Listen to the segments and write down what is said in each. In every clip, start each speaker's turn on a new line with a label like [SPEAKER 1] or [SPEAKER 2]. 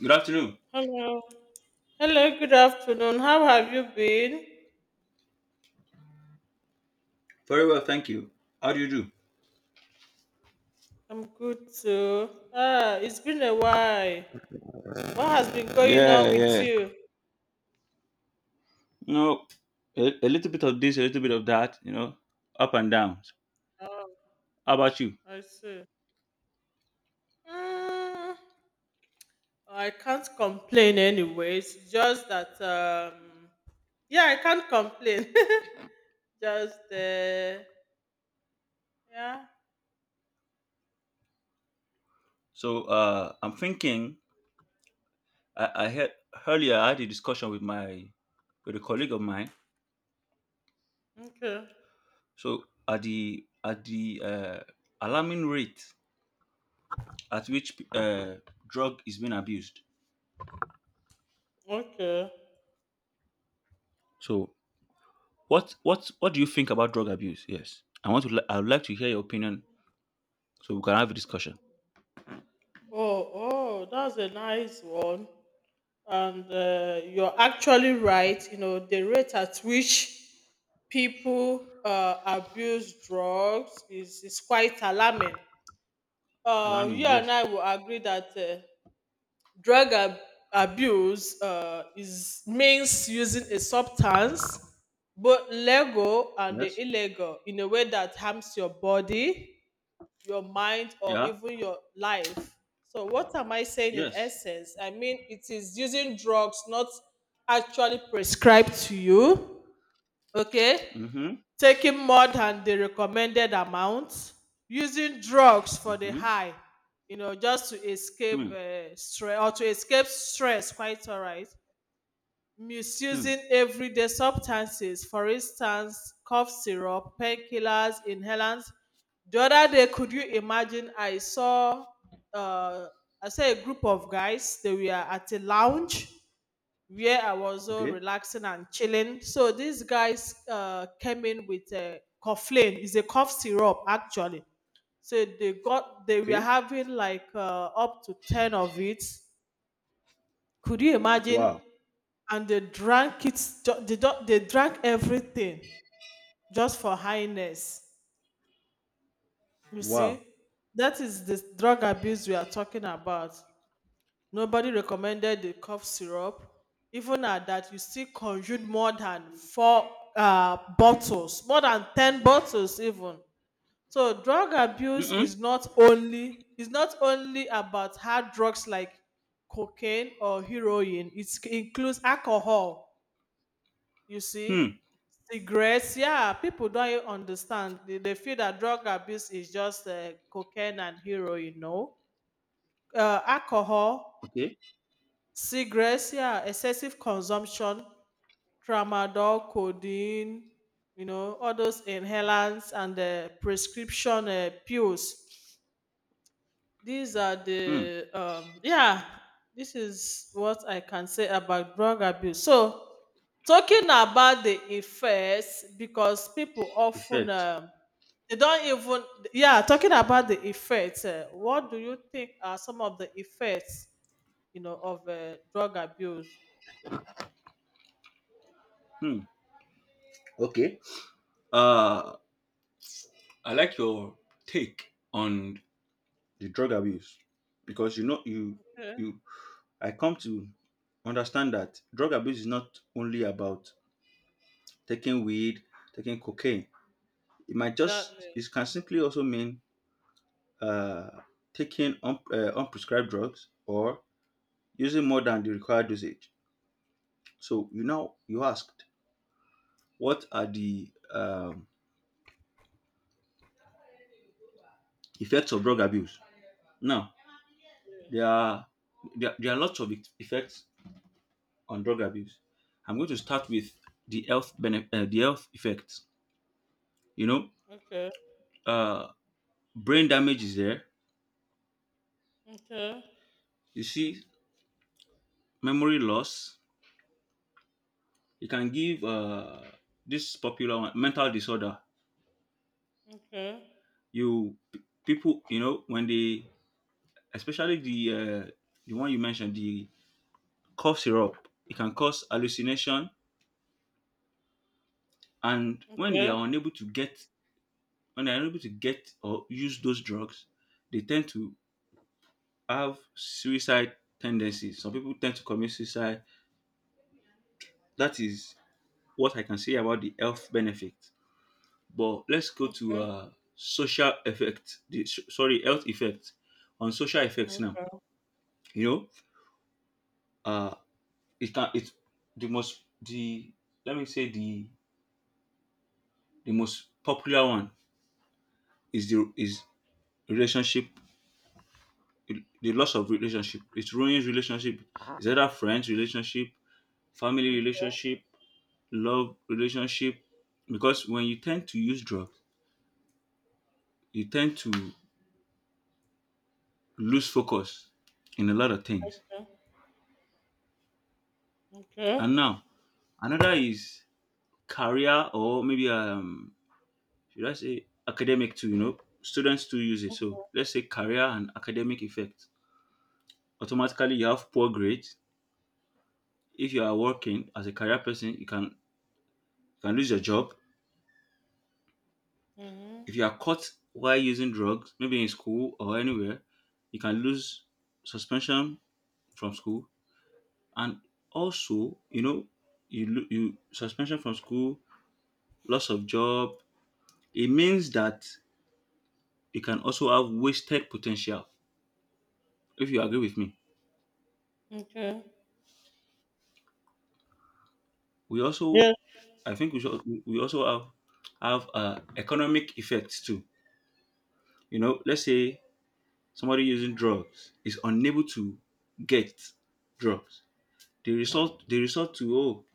[SPEAKER 1] Good afternoon.
[SPEAKER 2] Hello. Hello, good afternoon. How have you been?
[SPEAKER 1] Very well, thank you. How do you do?
[SPEAKER 2] I'm good too. Ah, it's been a while. What has been going on
[SPEAKER 1] Yeah,
[SPEAKER 2] with
[SPEAKER 1] yeah.
[SPEAKER 2] you?
[SPEAKER 1] You know, a little bit of this, a little bit of that, up and down.
[SPEAKER 2] Oh,
[SPEAKER 1] How about you?
[SPEAKER 2] I see. Mm, I can't complain anyways. Just that yeah, I can't complain. just yeah.
[SPEAKER 1] So, I'm thinking, I had earlier I had a discussion with my with a colleague of mine.
[SPEAKER 2] Okay.
[SPEAKER 1] So, at the alarming rate at which drug is being abused.
[SPEAKER 2] Okay.
[SPEAKER 1] So, what do you think about drug abuse? Yes. I would like to hear your opinion so we can have a discussion.
[SPEAKER 2] Oh, oh, that's a nice one. And you're actually right. You know, the rate at which people abuse drugs is quite alarming.
[SPEAKER 1] Alarming,
[SPEAKER 2] You and
[SPEAKER 1] yes.
[SPEAKER 2] I will agree that drug ab- abuse is means using a substance, both legal and the
[SPEAKER 1] Yes.
[SPEAKER 2] illegal, in a way that harms your body, your mind, or
[SPEAKER 1] Yeah.
[SPEAKER 2] even your life. So, what am I saying in
[SPEAKER 1] Yes.
[SPEAKER 2] essence? I mean, it is using drugs not actually prescribed to you, okay?
[SPEAKER 1] Mm-hmm.
[SPEAKER 2] Taking more than the recommended amount, using drugs for the
[SPEAKER 1] Mm-hmm.
[SPEAKER 2] high, you know, just to escape
[SPEAKER 1] Hmm.
[SPEAKER 2] stress or to escape stress, quite all right.
[SPEAKER 1] Hmm.
[SPEAKER 2] Misusing everyday substances, for instance, cough syrup, painkillers, inhalants. The other day, could you imagine? Uh, I saw a group of guys. They were at a lounge where I was so
[SPEAKER 1] Okay.
[SPEAKER 2] relaxing and chilling. So these guys came in with a coughlin. It's a cough syrup actually. So they were
[SPEAKER 1] Okay.
[SPEAKER 2] having like up to ten of it. Could you imagine?
[SPEAKER 1] Wow.
[SPEAKER 2] And they drank it. They drank everything just for highness. You
[SPEAKER 1] Wow.
[SPEAKER 2] see, that is the drug abuse we are talking about. Nobody recommended the cough syrup. Even at that, you still consumed more than four bottles, more than 10 bottles, even. So drug abuse
[SPEAKER 1] Mm-mm.
[SPEAKER 2] is not only about hard drugs like cocaine or heroin. It includes alcohol. You
[SPEAKER 1] Hmm.
[SPEAKER 2] see, cigarettes. Yeah, people don't even understand. They feel that drug abuse is just cocaine and heroin. No, alcohol,
[SPEAKER 1] Okay.
[SPEAKER 2] cigarettes, yeah, excessive consumption, tramadol, codeine, you know, all those inhalants and the prescription pills. These are
[SPEAKER 1] Hmm.
[SPEAKER 2] the yeah This is what I can say about drug abuse. So talking about the effects, because people often
[SPEAKER 1] Effect.
[SPEAKER 2] they don't even yeah talking about the effects, what do you think are some of the effects, you know, of drug abuse?
[SPEAKER 1] Hmm. Okay. Uh, I like your take on the drug abuse because you know you you I come to understand that drug abuse is not only about taking weed, taking cocaine. It might just
[SPEAKER 2] Exactly.
[SPEAKER 1] It can simply also mean uh taking unprescribed drugs or using more than the required dosage. So you now you asked, what are the effects of drug abuse? Now there
[SPEAKER 2] Yes.
[SPEAKER 1] are there are lots of effects on drug abuse. I'm going to start with the health effects. You know,
[SPEAKER 2] Okay.
[SPEAKER 1] uh, Brain damage is there.
[SPEAKER 2] Okay.
[SPEAKER 1] You see, memory loss. It can give this popular one, mental disorder.
[SPEAKER 2] Okay.
[SPEAKER 1] You p- People, when they, especially the one you mentioned, the cough syrup. It can cause hallucination, and
[SPEAKER 2] Okay.
[SPEAKER 1] when they are unable to get or use those drugs, they tend to have suicide tendencies. Some people tend to commit suicide. That is what I can say about the health benefit. But let's go to
[SPEAKER 2] Okay.
[SPEAKER 1] social effect. Sorry, health effect, on social effects now. You know, uh, it can it the most the Let me say the most popular one is the is relationship the loss of relationship. It ruins relationship. Is either friends relationship, family relationship, love relationship. Because when you tend to use drugs, you tend to lose focus in a lot of things. And
[SPEAKER 2] Okay.
[SPEAKER 1] now another is career, or maybe should I say academic too. Students too use it. So let's say career and academic effect. Automatically you have poor grades. If you are working as a career person, you can lose your job.
[SPEAKER 2] Mm-hmm.
[SPEAKER 1] If you are caught while using drugs, maybe in school or anywhere, you can lose suspension from school, and also, you suspension from school, loss of job. It means that you can also have wasted potential. If you agree with me,
[SPEAKER 2] Okay.
[SPEAKER 1] we
[SPEAKER 2] Yeah.
[SPEAKER 1] also, I think we should, we also have economic effects too. Let's say somebody using drugs is unable to get drugs. They resort to, oh,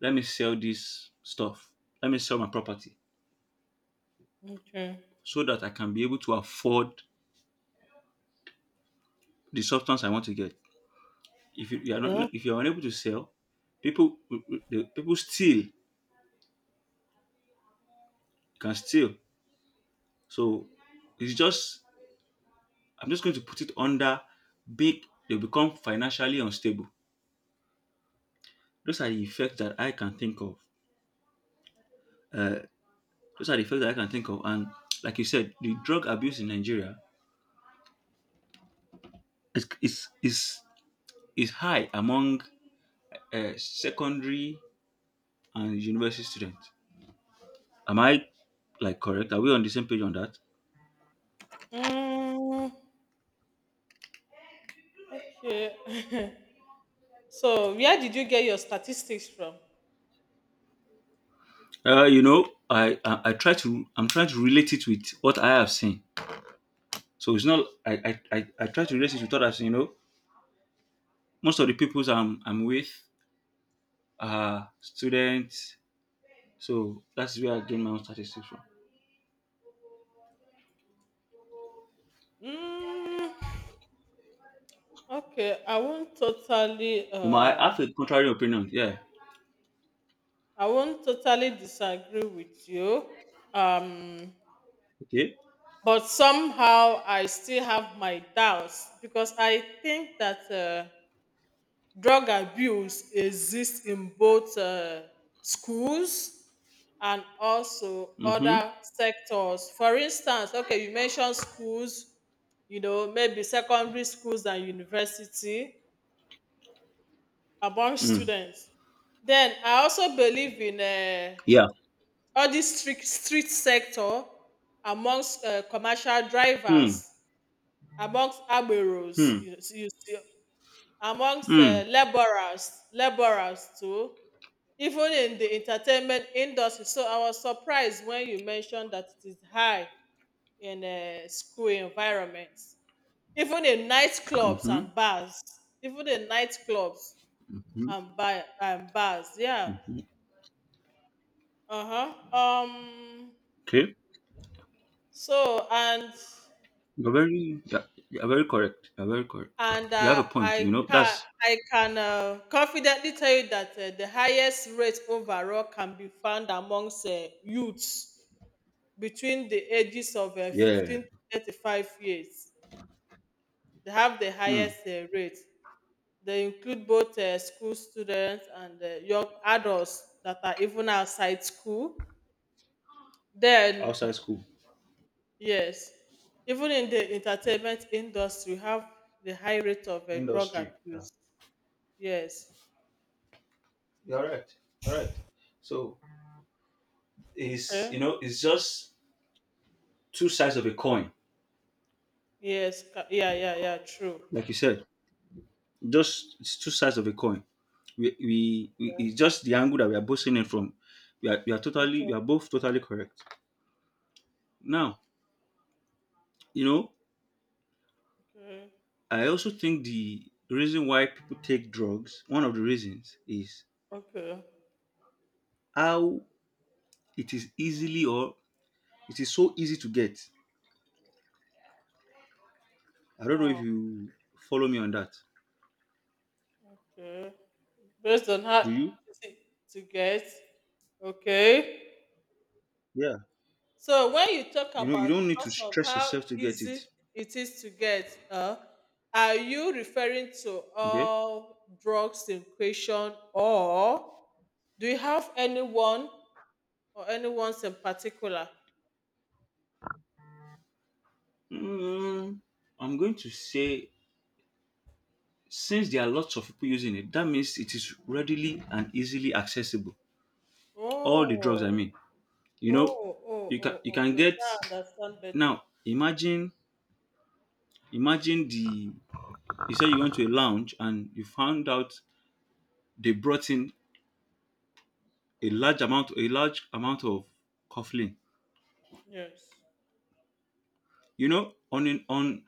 [SPEAKER 1] let me sell this stuff. Let me sell my property
[SPEAKER 2] Okay.
[SPEAKER 1] so that I can be able to afford the substance I want to get. If you are not,
[SPEAKER 2] Yeah.
[SPEAKER 1] no, if you are unable to sell, people people steal can steal. So, it's just I'm just going to put it under big. They become financially unstable. Those are the effects that I can think of. Uh, those are the effects that I can think of. And like you said, the drug abuse in Nigeria is is is, is high among secondary and university student. Am I like correct? Are we on the same page on that?
[SPEAKER 2] Mm, okay. So, where did you get your statistics from?
[SPEAKER 1] I'm trying to relate it with what I have seen. So it's not, I try to relate it with what I've seen. Most of the peoples I'm with are students. So that's where I gain my own statistics from.
[SPEAKER 2] Mm, okay. I won't totally.
[SPEAKER 1] You might have a contrary opinion. Yeah.
[SPEAKER 2] I won't totally disagree with you. Um,
[SPEAKER 1] Okay.
[SPEAKER 2] but somehow I still have my doubts because I think that. Drug abuse exists in both schools and also
[SPEAKER 1] Mm-hmm.
[SPEAKER 2] other sectors. For instance, okay, you mentioned schools, you know, maybe secondary schools and university among
[SPEAKER 1] Mm.
[SPEAKER 2] students. Then I also believe in
[SPEAKER 1] Yeah.
[SPEAKER 2] all this street sector, amongst commercial
[SPEAKER 1] Hmm.
[SPEAKER 2] drivers, amongst agberos,
[SPEAKER 1] Hmm.
[SPEAKER 2] you see, amongst
[SPEAKER 1] Hmm.
[SPEAKER 2] laborers too, even in the entertainment industry. So I was surprised when you mentioned that it is high in school environments, even in nightclubs and
[SPEAKER 1] Mm-hmm.
[SPEAKER 2] bars, even in nightclubs
[SPEAKER 1] Mm-hmm.
[SPEAKER 2] and and bars. Yeah. Uh huh.
[SPEAKER 1] Okay.
[SPEAKER 2] So and
[SPEAKER 1] You're very, yeah, you're very correct. You're very correct.
[SPEAKER 2] and
[SPEAKER 1] You have a point. You know, that's
[SPEAKER 2] I can confidently tell you that the highest rate overall can be found amongst youths between the ages of
[SPEAKER 1] yeah.
[SPEAKER 2] 15 to 35 years. They have the
[SPEAKER 1] Hmm.
[SPEAKER 2] highest rate. They include both school students and young adults that are even outside school. Then,
[SPEAKER 1] Outside school,
[SPEAKER 2] yes, even in the entertainment industry, we have the high rate of drug
[SPEAKER 1] industry. Yeah.
[SPEAKER 2] abuse. Yes.
[SPEAKER 1] You're all right. All right. So it's you
[SPEAKER 2] Okay.
[SPEAKER 1] know it's just two sides of a coin,
[SPEAKER 2] Yes. Yeah, yeah, yeah, true.
[SPEAKER 1] like you said. Just it's two sides of a coin. We It's just the angle that we are both seeing it from.
[SPEAKER 2] Okay.
[SPEAKER 1] We are both totally correct. Now, you know
[SPEAKER 2] Okay.
[SPEAKER 1] I also think the reason why people take drugs, one of the reasons is
[SPEAKER 2] Okay.
[SPEAKER 1] how it is easily or it is so easy to get. I don't know if
[SPEAKER 2] Wow.
[SPEAKER 1] you follow me on that.
[SPEAKER 2] Okay. Based on how
[SPEAKER 1] Do you?
[SPEAKER 2] easy to get. Okay.
[SPEAKER 1] Yeah.
[SPEAKER 2] So when you talk
[SPEAKER 1] You
[SPEAKER 2] about
[SPEAKER 1] don't need
[SPEAKER 2] because
[SPEAKER 1] to
[SPEAKER 2] of
[SPEAKER 1] stress
[SPEAKER 2] how
[SPEAKER 1] yourself to get
[SPEAKER 2] easy
[SPEAKER 1] it.
[SPEAKER 2] it is to get, are you referring to
[SPEAKER 1] Okay.
[SPEAKER 2] all drugs in question, or do you have anyone or anyone's in particular?
[SPEAKER 1] Mm, I'm going to say since there are lots of people using it, that means it is readily and easily accessible. All the drugs, I
[SPEAKER 2] Oh,
[SPEAKER 1] mean. You
[SPEAKER 2] oh,
[SPEAKER 1] know,
[SPEAKER 2] oh,
[SPEAKER 1] you can you
[SPEAKER 2] oh,
[SPEAKER 1] can
[SPEAKER 2] okay.
[SPEAKER 1] get
[SPEAKER 2] Now I understand better.
[SPEAKER 1] now. Imagine, the you say you went to a lounge and you found out they brought in a large amount of coughlin,
[SPEAKER 2] Yes.
[SPEAKER 1] on an on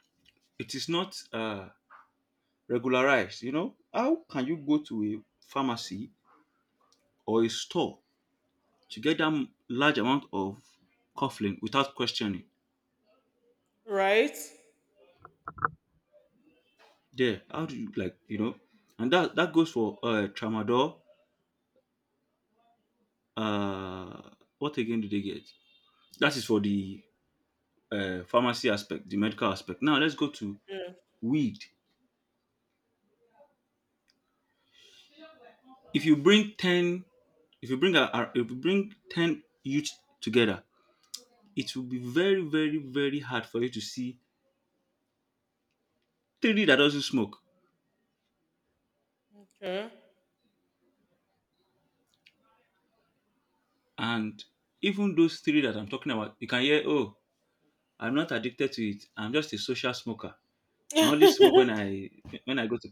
[SPEAKER 1] it is not regularized. How can you go to a pharmacy or a store to get that large amount of coughlin without questioning
[SPEAKER 2] Right?
[SPEAKER 1] there how do you like you know And that goes for tramadol. uh what again do they get? That is for the pharmacy aspect, the medical aspect. Now let's go to
[SPEAKER 2] Yes.
[SPEAKER 1] weed. If you bring 10, if you bring a- if you bring 10 youth together, it will be very, very, very hard for you to see three that doesn't smoke.
[SPEAKER 2] Okay.
[SPEAKER 1] And even those three that I'm talking about, you can hear, oh, I'm not addicted to it. I'm just a social smoker. I only smoke when I when I go to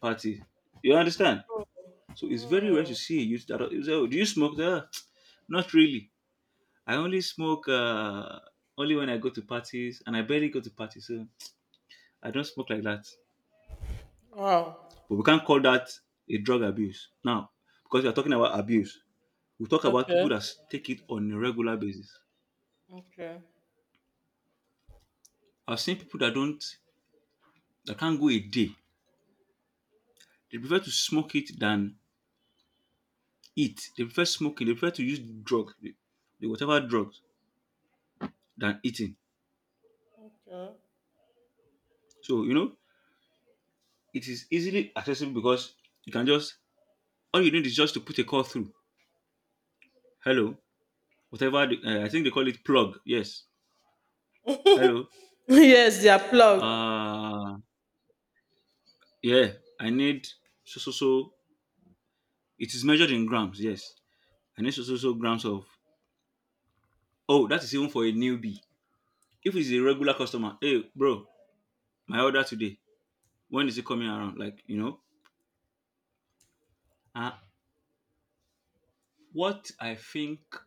[SPEAKER 1] party. You understand?
[SPEAKER 2] oh,
[SPEAKER 1] So it's very rare to
[SPEAKER 2] oh,
[SPEAKER 1] see a youth that you say, oh, do you smoke? There? Not really. I only smoke only when I go to parties, and I barely go to parties, so I don't smoke like that.
[SPEAKER 2] wow.
[SPEAKER 1] But we can't call that a drug abuse now, because we are talking about abuse. We talk about
[SPEAKER 2] Okay.
[SPEAKER 1] people that take it on a regular basis.
[SPEAKER 2] Okay.
[SPEAKER 1] I've seen people that don't, that can't go a day. They prefer to smoke it than eat. They prefer smoking. They prefer to use drug, the whatever drugs than eating.
[SPEAKER 2] Okay.
[SPEAKER 1] So it is easily accessible because you can just all you need is just to put a call through. Hello, whatever I think they call it plug. Yes. Hello.
[SPEAKER 2] yes, they are plugged.
[SPEAKER 1] Uh yeah. I need so so so. It is measured in grams. Yes. I need so so so grams of. Oh, that is even for a newbie. If it's a regular customer, hey bro, my order today. When is it coming around? Like, uh, what I think,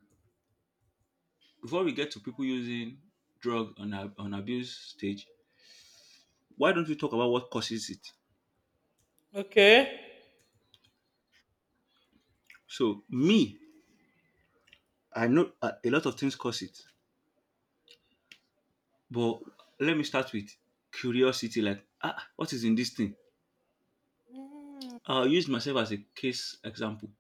[SPEAKER 1] before we get to people using drug on abuse stage, why don't we talk about what causes it?
[SPEAKER 2] Okay.
[SPEAKER 1] So me, I know a lot of things cause it, but let me start with curiosity. Like, what is in this thing?
[SPEAKER 2] Mm,
[SPEAKER 1] I'll use myself as a case example.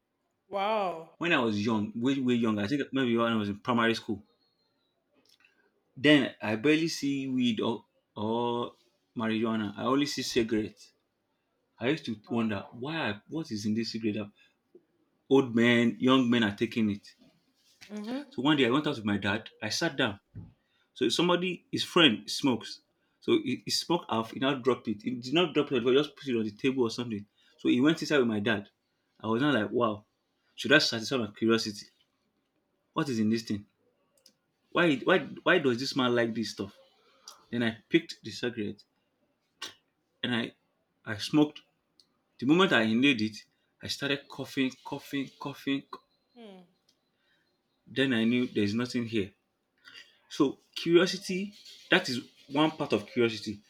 [SPEAKER 2] wow.
[SPEAKER 1] When I was young, way way young, I think maybe when I was in primary school. Then I barely see weed, or marijuana. I only see cigarettes. I used to
[SPEAKER 2] Wow.
[SPEAKER 1] wonder why, what is in this cigarette that old men, young men are taking it.
[SPEAKER 2] Mhm.
[SPEAKER 1] So one day I went out with my dad. I sat down. So somebody, his friend, smokes. So he smoked half. He now dropped it. He did not drop it, but just put it on the table or something. So he went inside with my dad. I was not like, wow, should I satisfy my curiosity? What is in this thing? Why does this man like this stuff? Then I picked the cigarette and I smoked. The moment I inhaled it, I started coughing, coughing, coughing.
[SPEAKER 2] Hmm.
[SPEAKER 1] Then I knew there's nothing here. So curiosity, that is one part of curiosity.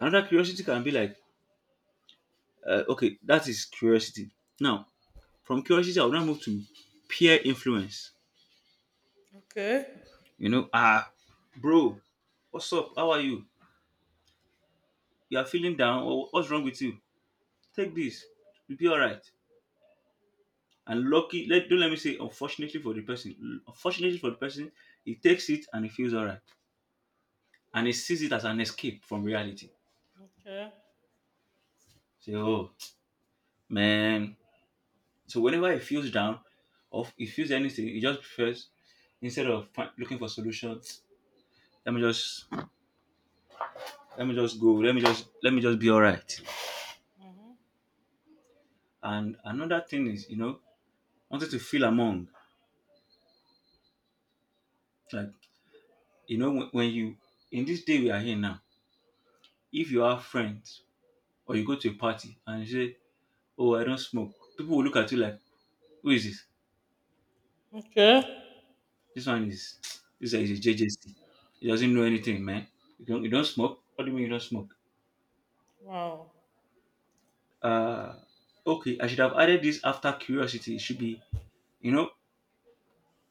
[SPEAKER 1] Another curiosity can be like, okay, that is curiosity. Now, from curiosity, I will now move to peer influence.
[SPEAKER 2] Okay.
[SPEAKER 1] You know, ah, Bro, what's up? How are you? You are feeling down? What's wrong with you? Take this. You'll be all right. And lucky, let don't let me say unfortunately for the person. Unfortunately for the person, he takes it and he feels alright. And he sees it as an escape from reality.
[SPEAKER 2] Okay.
[SPEAKER 1] Say, oh man. So whenever he feels down or he feels anything, he just prefers, instead of looking for solutions, let me just let me just go. Let me just be alright.
[SPEAKER 2] Mhm.
[SPEAKER 1] And another thing is, wanting to feel among. Like, when you in this day we are here now, if you have friends or you go to a party and you say, "Oh, I don't smoke." People will look at you like, who is this?
[SPEAKER 2] Okay.
[SPEAKER 1] This one is this guy is a JJC. He doesn't know anything, man. You don't smoke? What do you mean you don't smoke?
[SPEAKER 2] Wow.
[SPEAKER 1] Uh okay, I should have added this after curiosity. It should be, you know,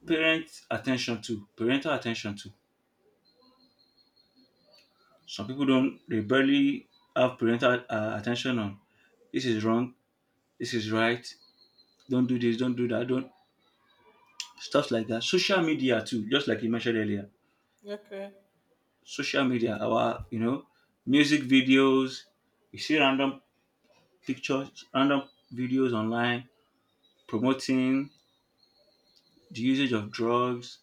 [SPEAKER 1] parent attention too. Parental attention too. Some people don't, they barely have parental attention on, this is wrong, this is right, don't do this, don't do that, don't, stuff like that. Social media too, just like you mentioned earlier,
[SPEAKER 2] Okay.
[SPEAKER 1] social media, our music videos. You see random pictures, random videos online promoting the usage of drugs.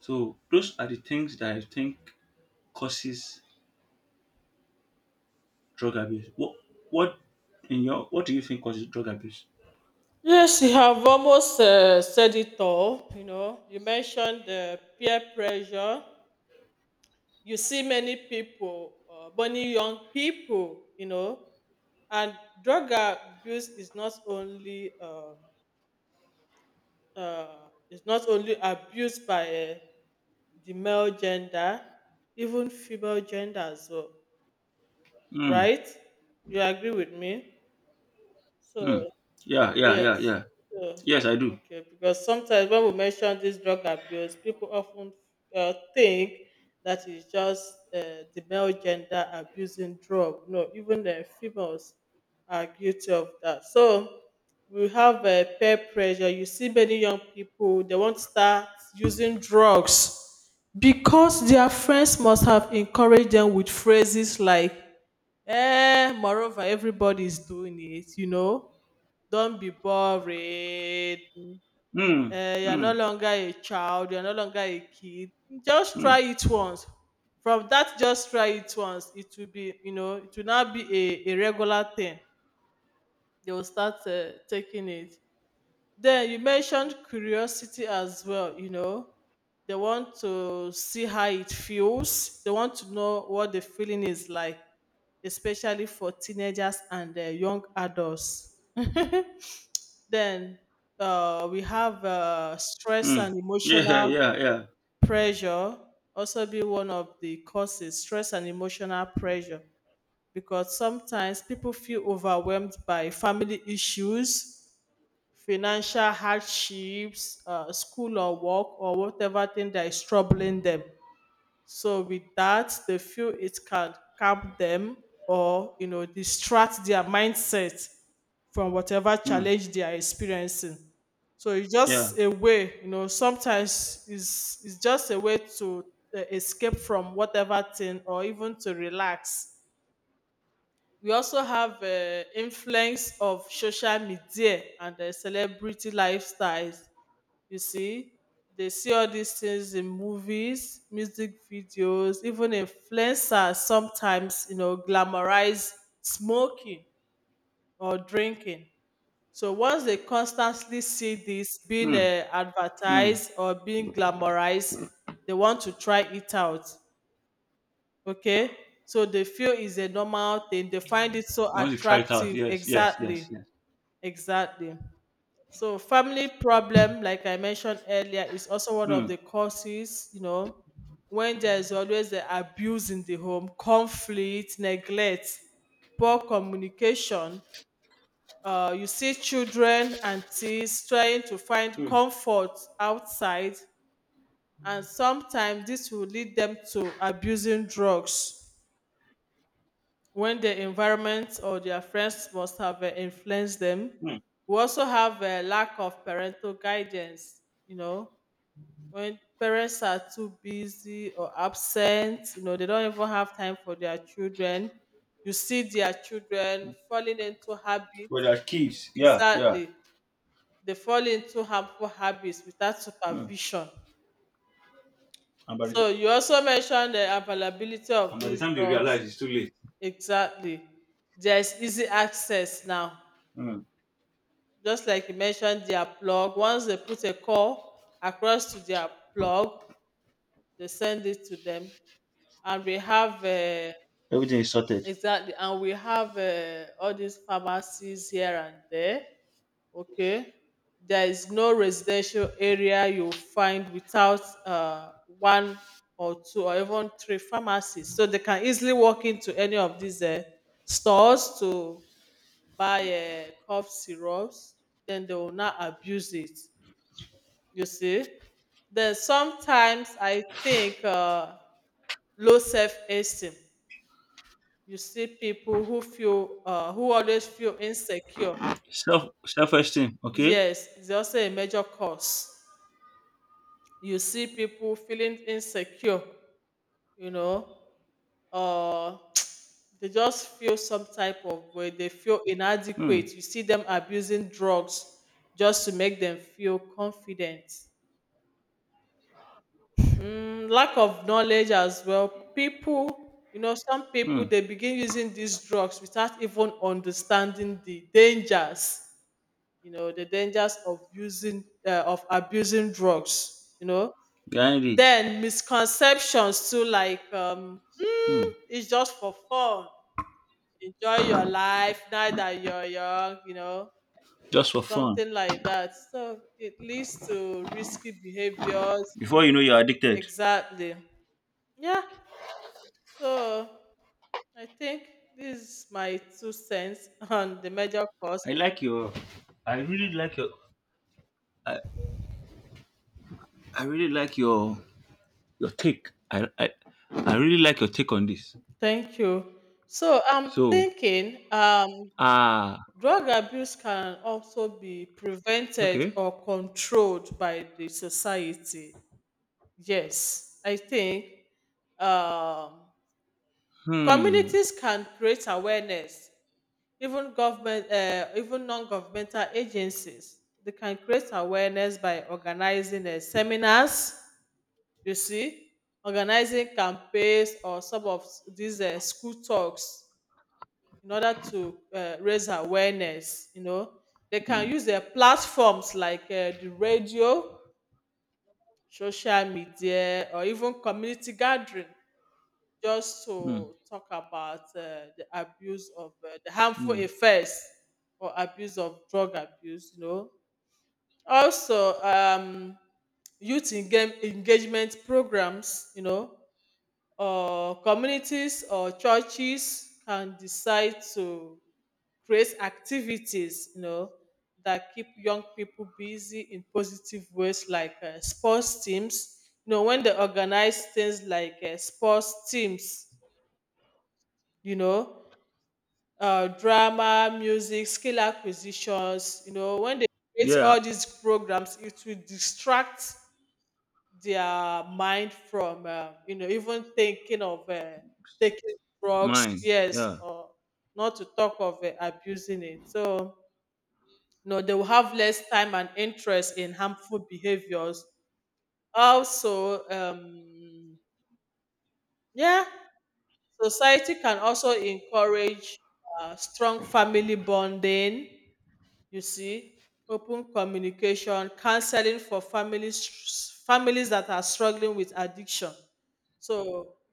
[SPEAKER 1] So those are the things that I think causes drug abuse. What what do you think causes drug abuse?
[SPEAKER 2] Yes, you have almost said it all. You know, you mentioned the peer pressure. You see many people, many young people. You know, and drug abuse is not only abused by the male gender, even female gender as well.
[SPEAKER 1] Hmm.
[SPEAKER 2] Right? You agree with me?
[SPEAKER 1] Hmm.
[SPEAKER 2] So,
[SPEAKER 1] Yeah, yeah, yeah,
[SPEAKER 2] yes.
[SPEAKER 1] yeah.
[SPEAKER 2] So,
[SPEAKER 1] Yes, I do.
[SPEAKER 2] okay, because sometimes when we mention this drug abuse, people often think that it's just the male gender abusing drug. No, even the females are guilty of that. So, we have peer pressure. You see many young people. They want to start using drugs because their friends must have encouraged them with phrases like, eh, moreover, everybody's doing it, you know. Don't be boring.
[SPEAKER 1] Hmm.
[SPEAKER 2] Eh, you're
[SPEAKER 1] Hmm.
[SPEAKER 2] no longer a child, you're no longer a kid. Just
[SPEAKER 1] Hmm.
[SPEAKER 2] try it once. From that, just try it once. It will be, you know, it will not be a regular thing. They will start taking it. Then you mentioned curiosity as well, you know. They want to see how it feels. They want to know what the feeling is like, especially for teenagers and young adults. Then we have stress
[SPEAKER 1] Hmm.
[SPEAKER 2] and
[SPEAKER 1] Yeah,
[SPEAKER 2] emotional
[SPEAKER 1] yeah, yeah.
[SPEAKER 2] pressure, also be one of the causes. Stress and emotional pressure, because sometimes people feel overwhelmed by family issues, financial hardships, school or work or whatever thing that is troubling them. So with that, they feel it can calm them, or you know, distract their mindset from whatever
[SPEAKER 1] Hmm.
[SPEAKER 2] challenge they are experiencing. So it's
[SPEAKER 1] Yeah.
[SPEAKER 2] just a way, you know, sometimes is it's just a way to escape from whatever thing or even to relax. We also have influence of social media and the celebrity lifestyles. You see, they see all these things in movies, music videos, even influencers sometimes, you know, glamorize smoking or drinking. So once they constantly see this being
[SPEAKER 1] Hmm. Mm.
[SPEAKER 2] advertised or being glamorized, they want to try it out. Okay? So they feel it's a normal thing. They find it so
[SPEAKER 1] Once you try it out,
[SPEAKER 2] attractive.
[SPEAKER 1] yes, yes,
[SPEAKER 2] Exactly.
[SPEAKER 1] yes, yes.
[SPEAKER 2] Exactly. So family problem, like I mentioned earlier, is also one of
[SPEAKER 1] Hmm.
[SPEAKER 2] the causes, you know, when there is always the abuse in the home, conflict, neglect, poor communication. You see children and teens trying to find
[SPEAKER 1] Hmm.
[SPEAKER 2] comfort outside, and sometimes this will lead them to abusing drugs when the environment or their friends must have influenced them.
[SPEAKER 1] Hmm.
[SPEAKER 2] We also have a lack of parental guidance, you know, when parents are too busy or absent. You know, they don't even have time for their children. You see their children falling into
[SPEAKER 1] But
[SPEAKER 2] habits,
[SPEAKER 1] that keeps. Yeah, yeah.
[SPEAKER 2] exactly. They fall into harmful habits without
[SPEAKER 1] Hmm.
[SPEAKER 2] supervision.
[SPEAKER 1] And by the ti-
[SPEAKER 2] So you also mentioned the availability of
[SPEAKER 1] and by the
[SPEAKER 2] these
[SPEAKER 1] time they
[SPEAKER 2] drugs.
[SPEAKER 1] realize it's too late.
[SPEAKER 2] Exactly. There's easy access now,
[SPEAKER 1] Hmm.
[SPEAKER 2] just like you mentioned their plug. Once they put a call across to their plug, they send it to them. And we have
[SPEAKER 1] Everything is sorted.
[SPEAKER 2] exactly and we have all these pharmacies here and there. Okay, there is no residential area you find without one or two or even three pharmacies. So they can easily walk into any of these stores to buy cough syrups. Then they will not abuse it, you see. Then sometimes I think low self-esteem. You see people who feel who always feel insecure.
[SPEAKER 1] Self esteem. Okay.
[SPEAKER 2] Yes, it's also a major cause. You see people feeling insecure, you know, uh, they just feel some type of way. They feel
[SPEAKER 1] Hmm.
[SPEAKER 2] inadequate. You see them abusing drugs just to make them feel confident. Mm, lack of knowledge as well. People, you know, some people
[SPEAKER 1] Hmm.
[SPEAKER 2] they begin using these drugs without even understanding the dangers. You know, the dangers of using of abusing drugs. You know,
[SPEAKER 1] Behind it.
[SPEAKER 2] then misconceptions too, like
[SPEAKER 1] Hmm.
[SPEAKER 2] it's just for fun. Enjoy your life now that you're young. You know,
[SPEAKER 1] Just for fun.
[SPEAKER 2] something like that. So it leads to risky behaviors.
[SPEAKER 1] Before you know you're addicted.
[SPEAKER 2] Exactly. Yeah. So I think this is my two cents on the major cause.
[SPEAKER 1] I like your. I really like your. I, I really like your take. I really like your take on this.
[SPEAKER 2] Thank you. So I'm
[SPEAKER 1] So
[SPEAKER 2] thinking
[SPEAKER 1] ah
[SPEAKER 2] drug abuse can also be prevented
[SPEAKER 1] okay.
[SPEAKER 2] or controlled by the society. Yes, I think um,
[SPEAKER 1] Hmm.
[SPEAKER 2] communities can create awareness. Even government, even non-governmental agencies, they can create awareness by organizing seminars. You see, organizing campaigns or some of these school talks in order to raise awareness, you know. They can
[SPEAKER 1] Hmm.
[SPEAKER 2] use their platforms like the radio, social media, or even community gathering just
[SPEAKER 1] Hmm.
[SPEAKER 2] to talk about the abuse of the harmful
[SPEAKER 1] Hmm.
[SPEAKER 2] effects or abuse of drug abuse, you know. Also, engagement programs, or communities or churches can decide to create activities that keep young people busy in positive ways like sports teams you know when they organize things like sports teams you know drama music skill acquisitions when they create
[SPEAKER 1] Yeah.
[SPEAKER 2] all these programs it will distract their mind from even thinking of taking drugs,
[SPEAKER 1] Mind.
[SPEAKER 2] yes,
[SPEAKER 1] Yeah.
[SPEAKER 2] or not to talk of abusing it. So, they will have less time and interest in harmful behaviors. Also, yeah, society can also encourage strong family bonding. You see, open communication, counseling for families that are struggling with addiction. So,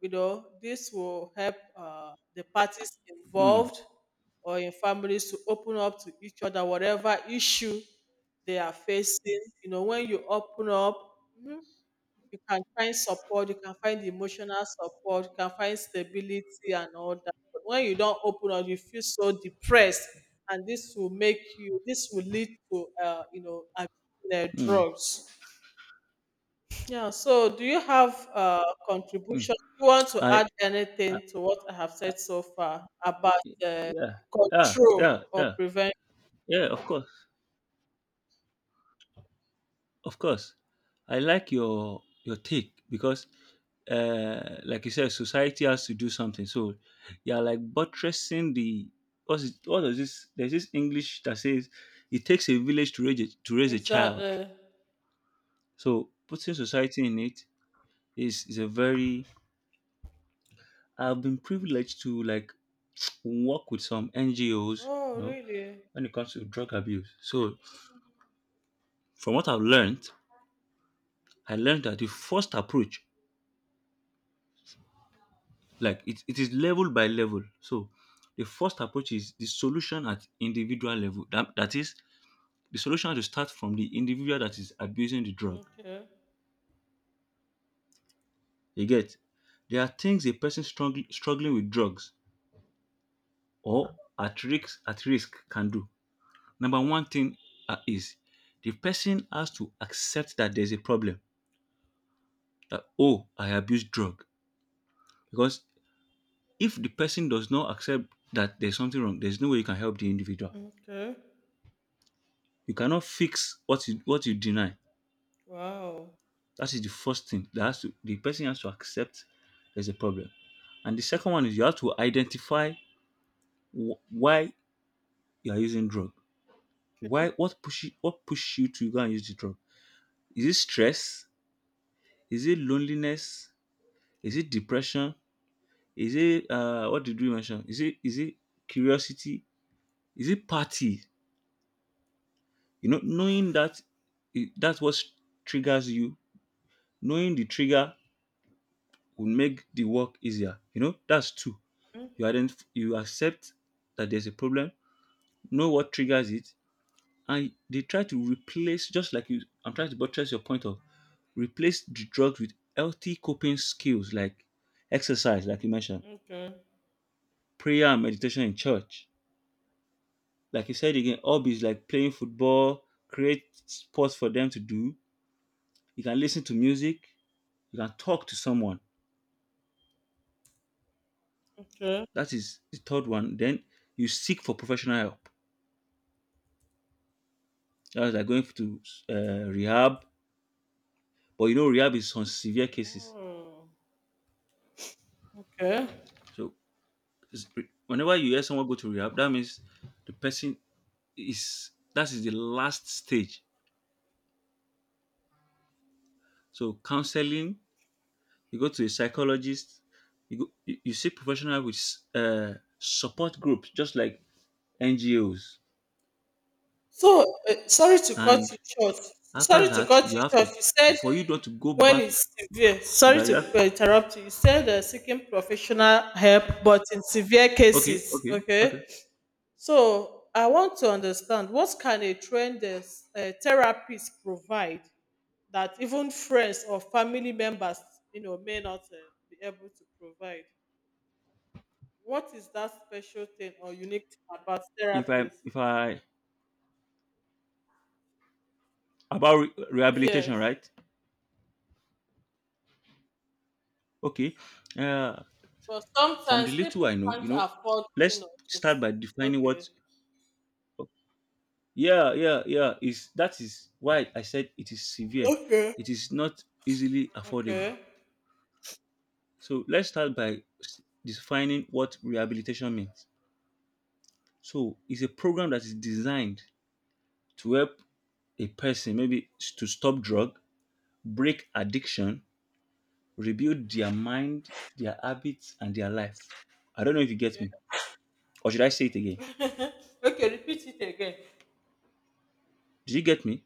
[SPEAKER 2] you know, this will help the parties
[SPEAKER 1] Hmm.
[SPEAKER 2] involved or in families to open up to each other, whatever issue they are facing. You know, when you open up, mhm, you can find support, you can find emotional support, you can find stability and all that. But when you don't open up, you feel so depressed, and this will make you. this will lead to, abusing,
[SPEAKER 1] Hmm.
[SPEAKER 2] drugs. Yeah. So, do you have
[SPEAKER 1] Mm.
[SPEAKER 2] contribution? Do you want to add
[SPEAKER 1] I, uh,
[SPEAKER 2] anything to what I have said so far about uh,
[SPEAKER 1] yeah, yeah, yeah,
[SPEAKER 2] control or
[SPEAKER 1] yeah,
[SPEAKER 2] prevention?
[SPEAKER 1] yeah, of course, of course, I like your take because like you said, society has to do something. So you're like buttressing the, what's it, what is this, there's this English that says it takes a village to raise a, child.
[SPEAKER 2] Exactly.
[SPEAKER 1] So putting society in it is a very, I've been privileged to like work with some NGOs,
[SPEAKER 2] Oh, really?
[SPEAKER 1] when it comes to drug abuse. So from what I've learned, I learned that the first approach, like it is level by level. So the first approach is the solution at individual level. That is, the solution has to start from the individual that is abusing the drug.
[SPEAKER 2] Okay.
[SPEAKER 1] You get, there are things a person struggling with drugs or at risk can do. Number one thing is, the person has to accept that there's a problem. That, oh, I abuse drug because. If the person does not accept that there's something wrong, there's no way you can help the individual.
[SPEAKER 2] Okay.
[SPEAKER 1] You cannot fix what you deny.
[SPEAKER 2] Wow.
[SPEAKER 1] That is the first thing that has to, the person has to accept there's a problem. And the second one is you have to identify why you are using drug. Why what push you to go and use the drug? Is it stress? Is it loneliness? Is it depression? Is it what did we mention? Is it curiosity? Is it party? You know, knowing that that's what triggers you, knowing the trigger will make the work easier. You know, that's two.
[SPEAKER 2] Mm.
[SPEAKER 1] You identify, you accept that there's a problem, know what triggers it, and they try to replace, just like you, I'm trying to buttress your point of, replace the drugs with healthy coping skills like exercise, like you mentioned,
[SPEAKER 2] Okay.
[SPEAKER 1] prayer and meditation in church. Like you said again, hobbies like playing football, create sports for them to do. You can listen to music, you can talk to someone.
[SPEAKER 2] Okay.
[SPEAKER 1] That is the third one. Then you seek for professional help. That's like going to rehab, but you know rehab is on severe cases.
[SPEAKER 2] Oh, okay.
[SPEAKER 1] So it's- whenever you hear someone go to rehab, that means the person is, that is the last stage. So counseling, you go to a psychologist, you seek professional help with support groups, just like NGOs,
[SPEAKER 2] So, sorry to cut you
[SPEAKER 1] and
[SPEAKER 2] short.
[SPEAKER 1] after
[SPEAKER 2] Sorry to
[SPEAKER 1] that
[SPEAKER 2] cut
[SPEAKER 1] you
[SPEAKER 2] you
[SPEAKER 1] have
[SPEAKER 2] short.
[SPEAKER 1] to,
[SPEAKER 2] You said
[SPEAKER 1] for you not to go
[SPEAKER 2] when
[SPEAKER 1] back
[SPEAKER 2] it's severe.
[SPEAKER 1] to
[SPEAKER 2] Sorry
[SPEAKER 1] that, you have,
[SPEAKER 2] to interrupt you. You said seeking professional help, but in severe
[SPEAKER 1] okay,
[SPEAKER 2] cases.
[SPEAKER 1] okay, okay,
[SPEAKER 2] Okay. So, I want to understand what can a trained therapist provide that even friends or family members, you know, may not be able to provide. What is that special thing or unique thing about
[SPEAKER 1] if i
[SPEAKER 2] therapist?
[SPEAKER 1] if i about rehabilitation,
[SPEAKER 2] Yes.
[SPEAKER 1] right? Okay, uh
[SPEAKER 2] But
[SPEAKER 1] from the
[SPEAKER 2] sometimes
[SPEAKER 1] little
[SPEAKER 2] people
[SPEAKER 1] I know, you
[SPEAKER 2] can't
[SPEAKER 1] know,
[SPEAKER 2] afford, you know,
[SPEAKER 1] let's
[SPEAKER 2] to
[SPEAKER 1] start by defining
[SPEAKER 2] okay.
[SPEAKER 1] what. Yeah, yeah, yeah, is that is why I said it is severe,
[SPEAKER 2] Okay.
[SPEAKER 1] it is not easily affordable.
[SPEAKER 2] Okay.
[SPEAKER 1] So let's start by defining what rehabilitation means. So it's a program that is designed to help a person, maybe to stop drug, break addiction, rebuild their mind, their habits, and their life. I don't know if you get
[SPEAKER 2] Okay.
[SPEAKER 1] me, or should I say it again?
[SPEAKER 2] Okay, repeat it again.
[SPEAKER 1] Do you get me?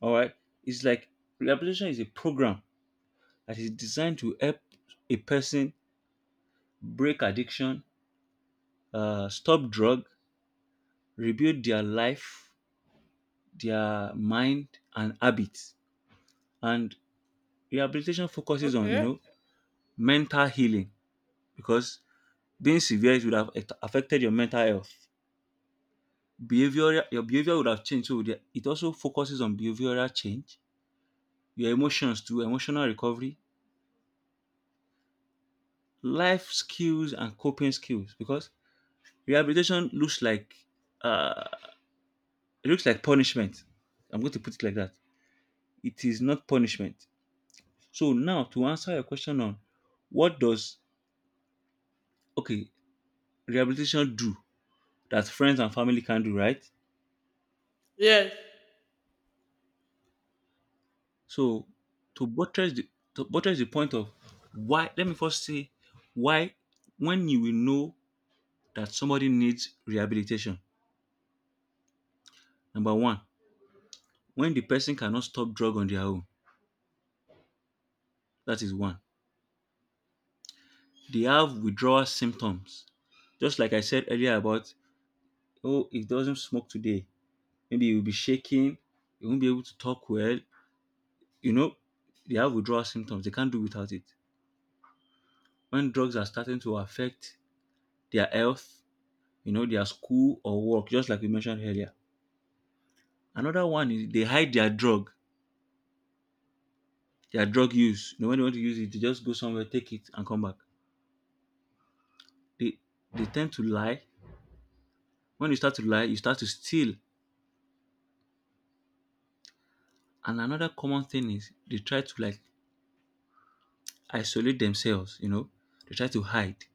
[SPEAKER 1] All right. It's like, rehabilitation is a program that is designed to help a person break addiction, stop drug, rebuild their life, their mind, and habits. And rehabilitation focuses on,
[SPEAKER 2] Okay.
[SPEAKER 1] mental healing, because being severe it would have affected your mental health, behavior your behavior would have changed. So it also focuses on behavioral change, your emotions, to emotional recovery, life skills and coping skills, because rehabilitation looks like, uh it looks like punishment. I'm going to put it like that. It is not punishment. So now, to answer your question on, what does, okay, rehabilitation do that friends and family can do, right?
[SPEAKER 2] Yes.
[SPEAKER 1] So to buttress the, point of, why, let me first say why, when you will know that somebody needs rehabilitation. Number one, when the person cannot stop drug on their own. That is one. They have withdrawal symptoms. Just like I said earlier about, oh, it doesn't smoke today. Maybe you'll be shaking, you won't be able to talk well. You know, they have withdrawal symptoms. They can't do without it. When drugs are starting to affect their health, you know, their school or work, just like we mentioned earlier. Another one is, they hide their drug use. You know, when they want to use it, they just go somewhere, take it, and come back. They they tend to lie. When you start to lie, you start to steal. And another common thing is they try to like isolate themselves, you know. They try to hide.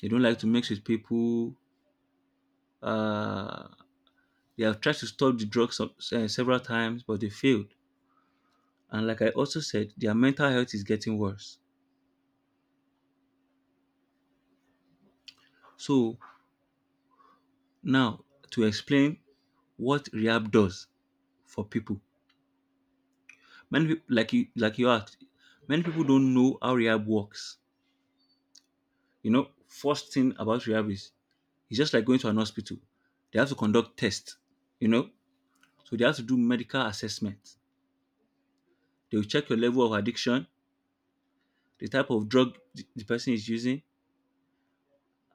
[SPEAKER 1] They don't like to mix with people. Uh, they have tried to stop the drugs several times, but they failed. And like I also said, their mental health is getting worse. So now to explain what rehab does for people. Many people, like you asked, many people don't know how rehab works. You know, first thing about rehab is, it's just like going to an hospital. They have to conduct tests, you know. So they have to do medical assessment. They will check your level of addiction, the type of drug the person is using,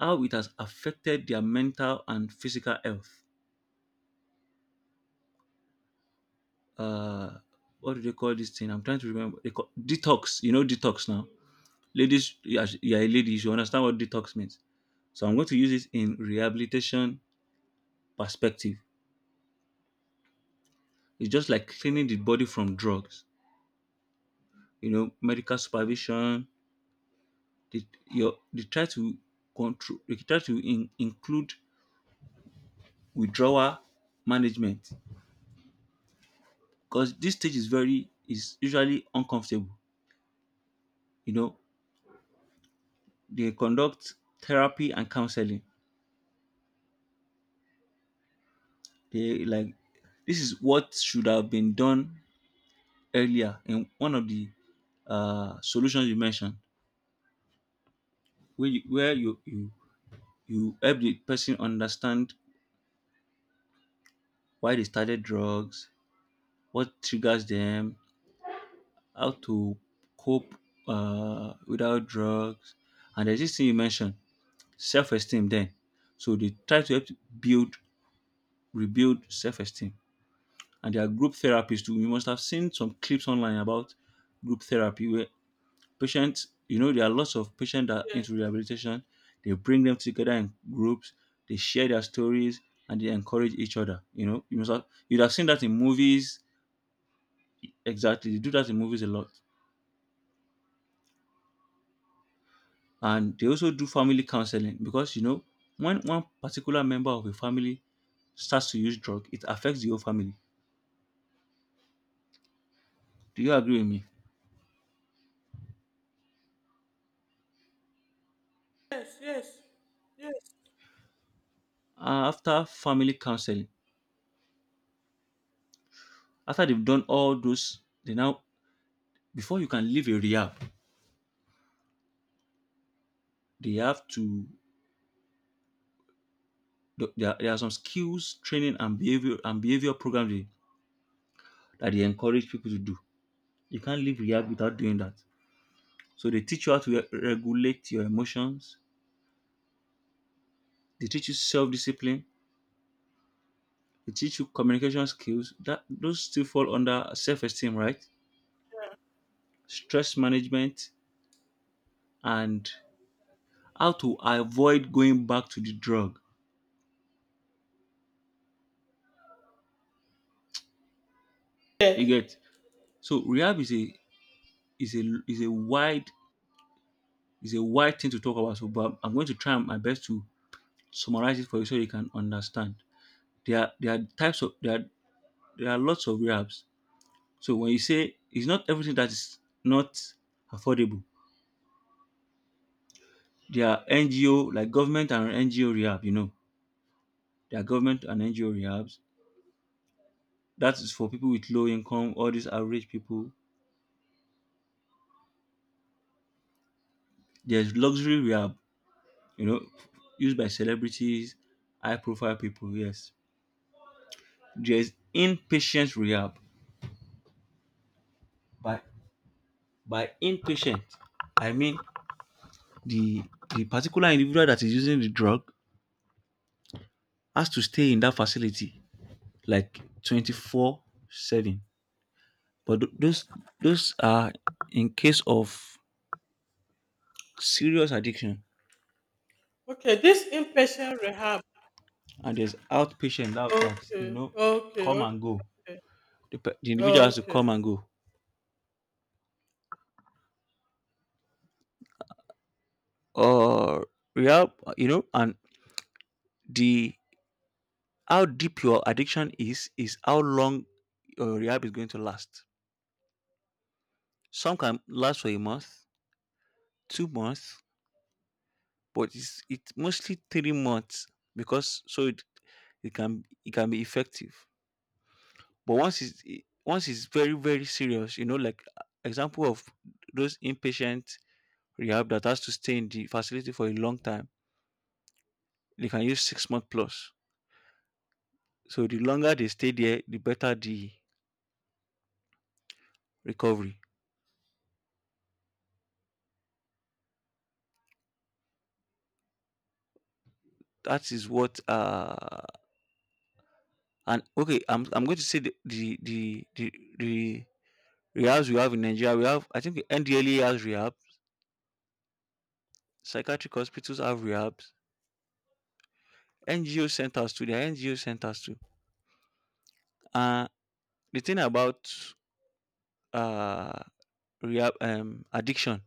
[SPEAKER 1] how it has affected their mental and physical health. Uh, what do they call this thing? I'm trying to remember. They call detox. You know detox now. Ladies, you are a lady, you should understand what detox means. So I'm going to use it in rehabilitation perspective. It's just like cleaning the body from drugs. You know, medical supervision. They, your, they try to control, they try to, include withdrawal management, because this stage is very, is usually uncomfortable. You know, they conduct therapy and counseling. They like, this is what should have been done earlier in one of the solutions you mentioned, where you, where you you help the person understand why they started drugs, what triggers them, how to cope without drugs. And there's this thing you mentioned, self-esteem then. So they try to help to build, rebuild self-esteem. And there are group therapies too. You must have seen some clips online about group therapy where patients, you know, there are lots of patients that are
[SPEAKER 2] Yes.
[SPEAKER 1] into rehabilitation. They bring them together in groups, they share their stories and they encourage each other. You know, you'd have seen that in movies. Exactly. They do that in movies a lot. And they also do family counseling, because you know, when one particular member of a family starts to use drug, it affects the whole family. Do you agree with me?
[SPEAKER 2] Yes. Yes. Yes.
[SPEAKER 1] After family counseling, after they've done all those, they now, before you can leave a rehab, they have to, there are some skills training and behavior programs, that they encourage people to do. You can't leave rehab without doing that. So they teach you how to regulate your emotions, they teach you self-discipline. They teach you communication skills, that those still fall under self-esteem, right? Stress management, and how to avoid going back to the drug.
[SPEAKER 2] Yes.
[SPEAKER 1] You get, so rehab is a, is a wide, thing to talk about. So, but I'm going to try my best to summarize it for you so you can understand. There are, there are types of, there are lots of rehabs. So when you say, it's not everything that is not affordable. There are NGO like government and NGO rehab, There are government and NGO rehabs. That is for people with low income, all these average people. There's luxury rehab, you know, used by celebrities, high profile people, yes. There's inpatient rehab. By by inpatient, I mean the the particular individual that is using the drug has to stay in that facility like 24/7, but those those are in case of serious addiction.
[SPEAKER 2] Okay, this inpatient rehab.
[SPEAKER 1] And there's outpatient that, that you
[SPEAKER 2] Okay.
[SPEAKER 1] know
[SPEAKER 2] Okay.
[SPEAKER 1] come
[SPEAKER 2] Okay.
[SPEAKER 1] and go. The individual has to come and
[SPEAKER 2] Okay.
[SPEAKER 1] go or rehab. You know and the How deep your addiction is how long your rehab is going to last. Some can last for a month, 2 months, but it's mostly 3 months because, it can be effective. But once once it's very very serious, like example of those inpatient rehab that has to stay in the facility for a long time. They can use 6 months plus. So the longer they stay there, the better the recovery. That is what and okay, I'm going to say the rehabs we have in Nigeria. We have, I think, NDLE has rehab, psychiatric hospitals have rehabs, NGO centers too, there are NGO centers too. Uh the thing about uh rehab, addiction,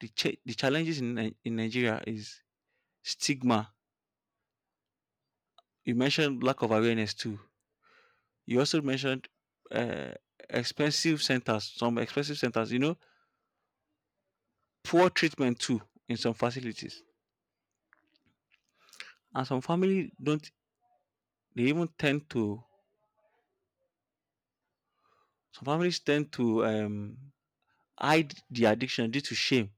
[SPEAKER 1] the challenges in Nigeria is stigma. You mentioned lack of awareness too. You also mentioned uh, expensive centers, some expensive centers, you know, poor treatment too in some facilities. And some family don't, they even tend to, some families tend to hide the addiction due to shame.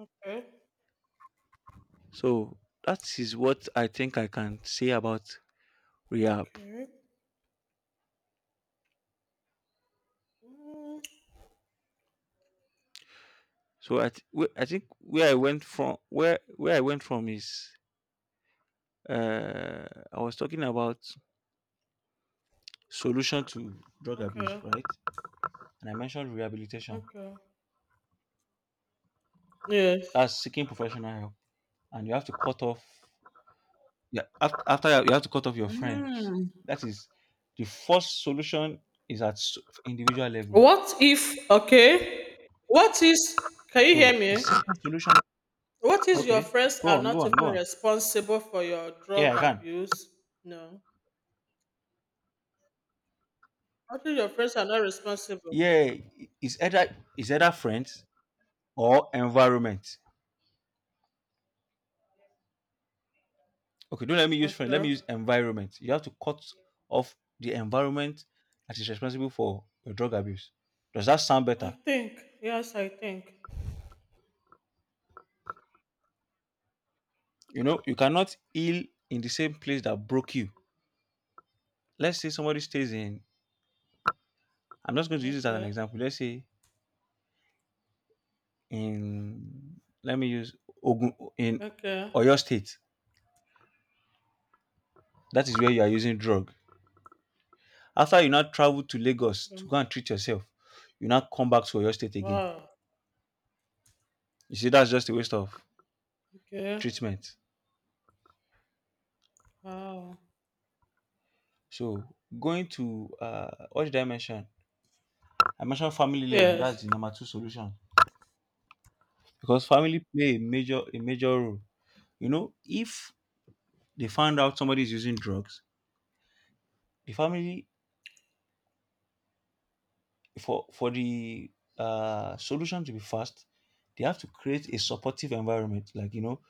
[SPEAKER 2] Okay.
[SPEAKER 1] So that is what I think I can say about rehab.
[SPEAKER 2] Okay. Mm.
[SPEAKER 1] So I, I think where I went from, where I went from is, uh, I was talking about solution to drug abuse,
[SPEAKER 2] Okay.
[SPEAKER 1] right? And I mentioned rehabilitation.
[SPEAKER 2] Okay. Yes.
[SPEAKER 1] That's seeking professional help, and you have to cut off. Yeah, after, you have to cut off your friends. That is the first solution, is at individual level.
[SPEAKER 2] What if okay? What is can you hear
[SPEAKER 1] So the
[SPEAKER 2] me?
[SPEAKER 1] second solution,
[SPEAKER 2] What is your
[SPEAKER 1] okay,
[SPEAKER 2] friends
[SPEAKER 1] go
[SPEAKER 2] are
[SPEAKER 1] on, go
[SPEAKER 2] not
[SPEAKER 1] on,
[SPEAKER 2] even
[SPEAKER 1] go on.
[SPEAKER 2] responsible for your drug
[SPEAKER 1] Yeah, I can.
[SPEAKER 2] abuse? No. What if your friends are not responsible?
[SPEAKER 1] Yeah, is either friends or environment. Okay, don't let me use friend. Let
[SPEAKER 2] Okay.
[SPEAKER 1] me use environment. You have to cut off the environment that is responsible for your drug abuse. Does that sound
[SPEAKER 2] I
[SPEAKER 1] better?
[SPEAKER 2] think. Yes, I think.
[SPEAKER 1] You know, you cannot heal in the same place that broke you. Let's say somebody stays in, I'm just going to use this as an
[SPEAKER 2] Okay.
[SPEAKER 1] example. Let's say in, let me use Ogun, in
[SPEAKER 2] Okay.
[SPEAKER 1] Oyo State. That is where you are using drug. After you now travel to Lagos
[SPEAKER 2] Okay.
[SPEAKER 1] to go and treat yourself, you now come back to Oyo State again.
[SPEAKER 2] Wow.
[SPEAKER 1] You see, that's just a waste of
[SPEAKER 2] Okay.
[SPEAKER 1] treatment.
[SPEAKER 2] Wow.
[SPEAKER 1] So going to, what did I mention? I mentioned family level.
[SPEAKER 2] Yes.
[SPEAKER 1] That's the number two solution because family play a major role. You know, if they found out somebody is using drugs, the family, for the solution to be fast, they have to create a supportive environment, like, you know,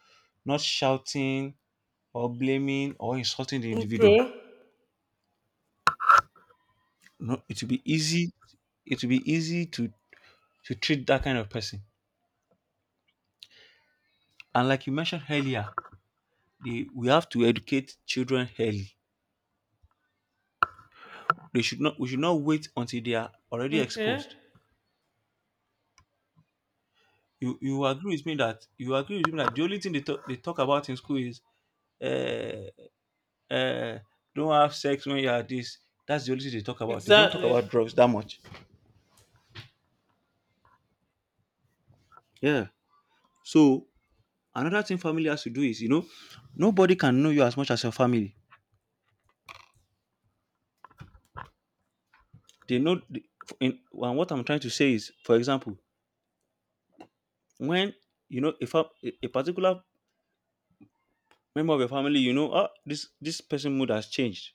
[SPEAKER 1] not shouting or blaming or insulting the
[SPEAKER 2] Okay.
[SPEAKER 1] individual. No, it will be easy. It will be easy to treat that kind of person. And like you mentioned earlier, we have to educate children early. They should not. We should not wait until they are already
[SPEAKER 2] Okay.
[SPEAKER 1] exposed. You agree with me that you agree with me that the only thing they talk about in school is uh, uh, don't have sex when you are this. That's the only thing they talk about. They don't talk
[SPEAKER 2] Exactly.
[SPEAKER 1] about drugs that much. Yeah. So another thing family has to do is, you know, nobody can know you as much as your family. They know. In, and what I'm trying to say is, for example, when you know if a particular member of your family, you know, ah, this person mood has changed.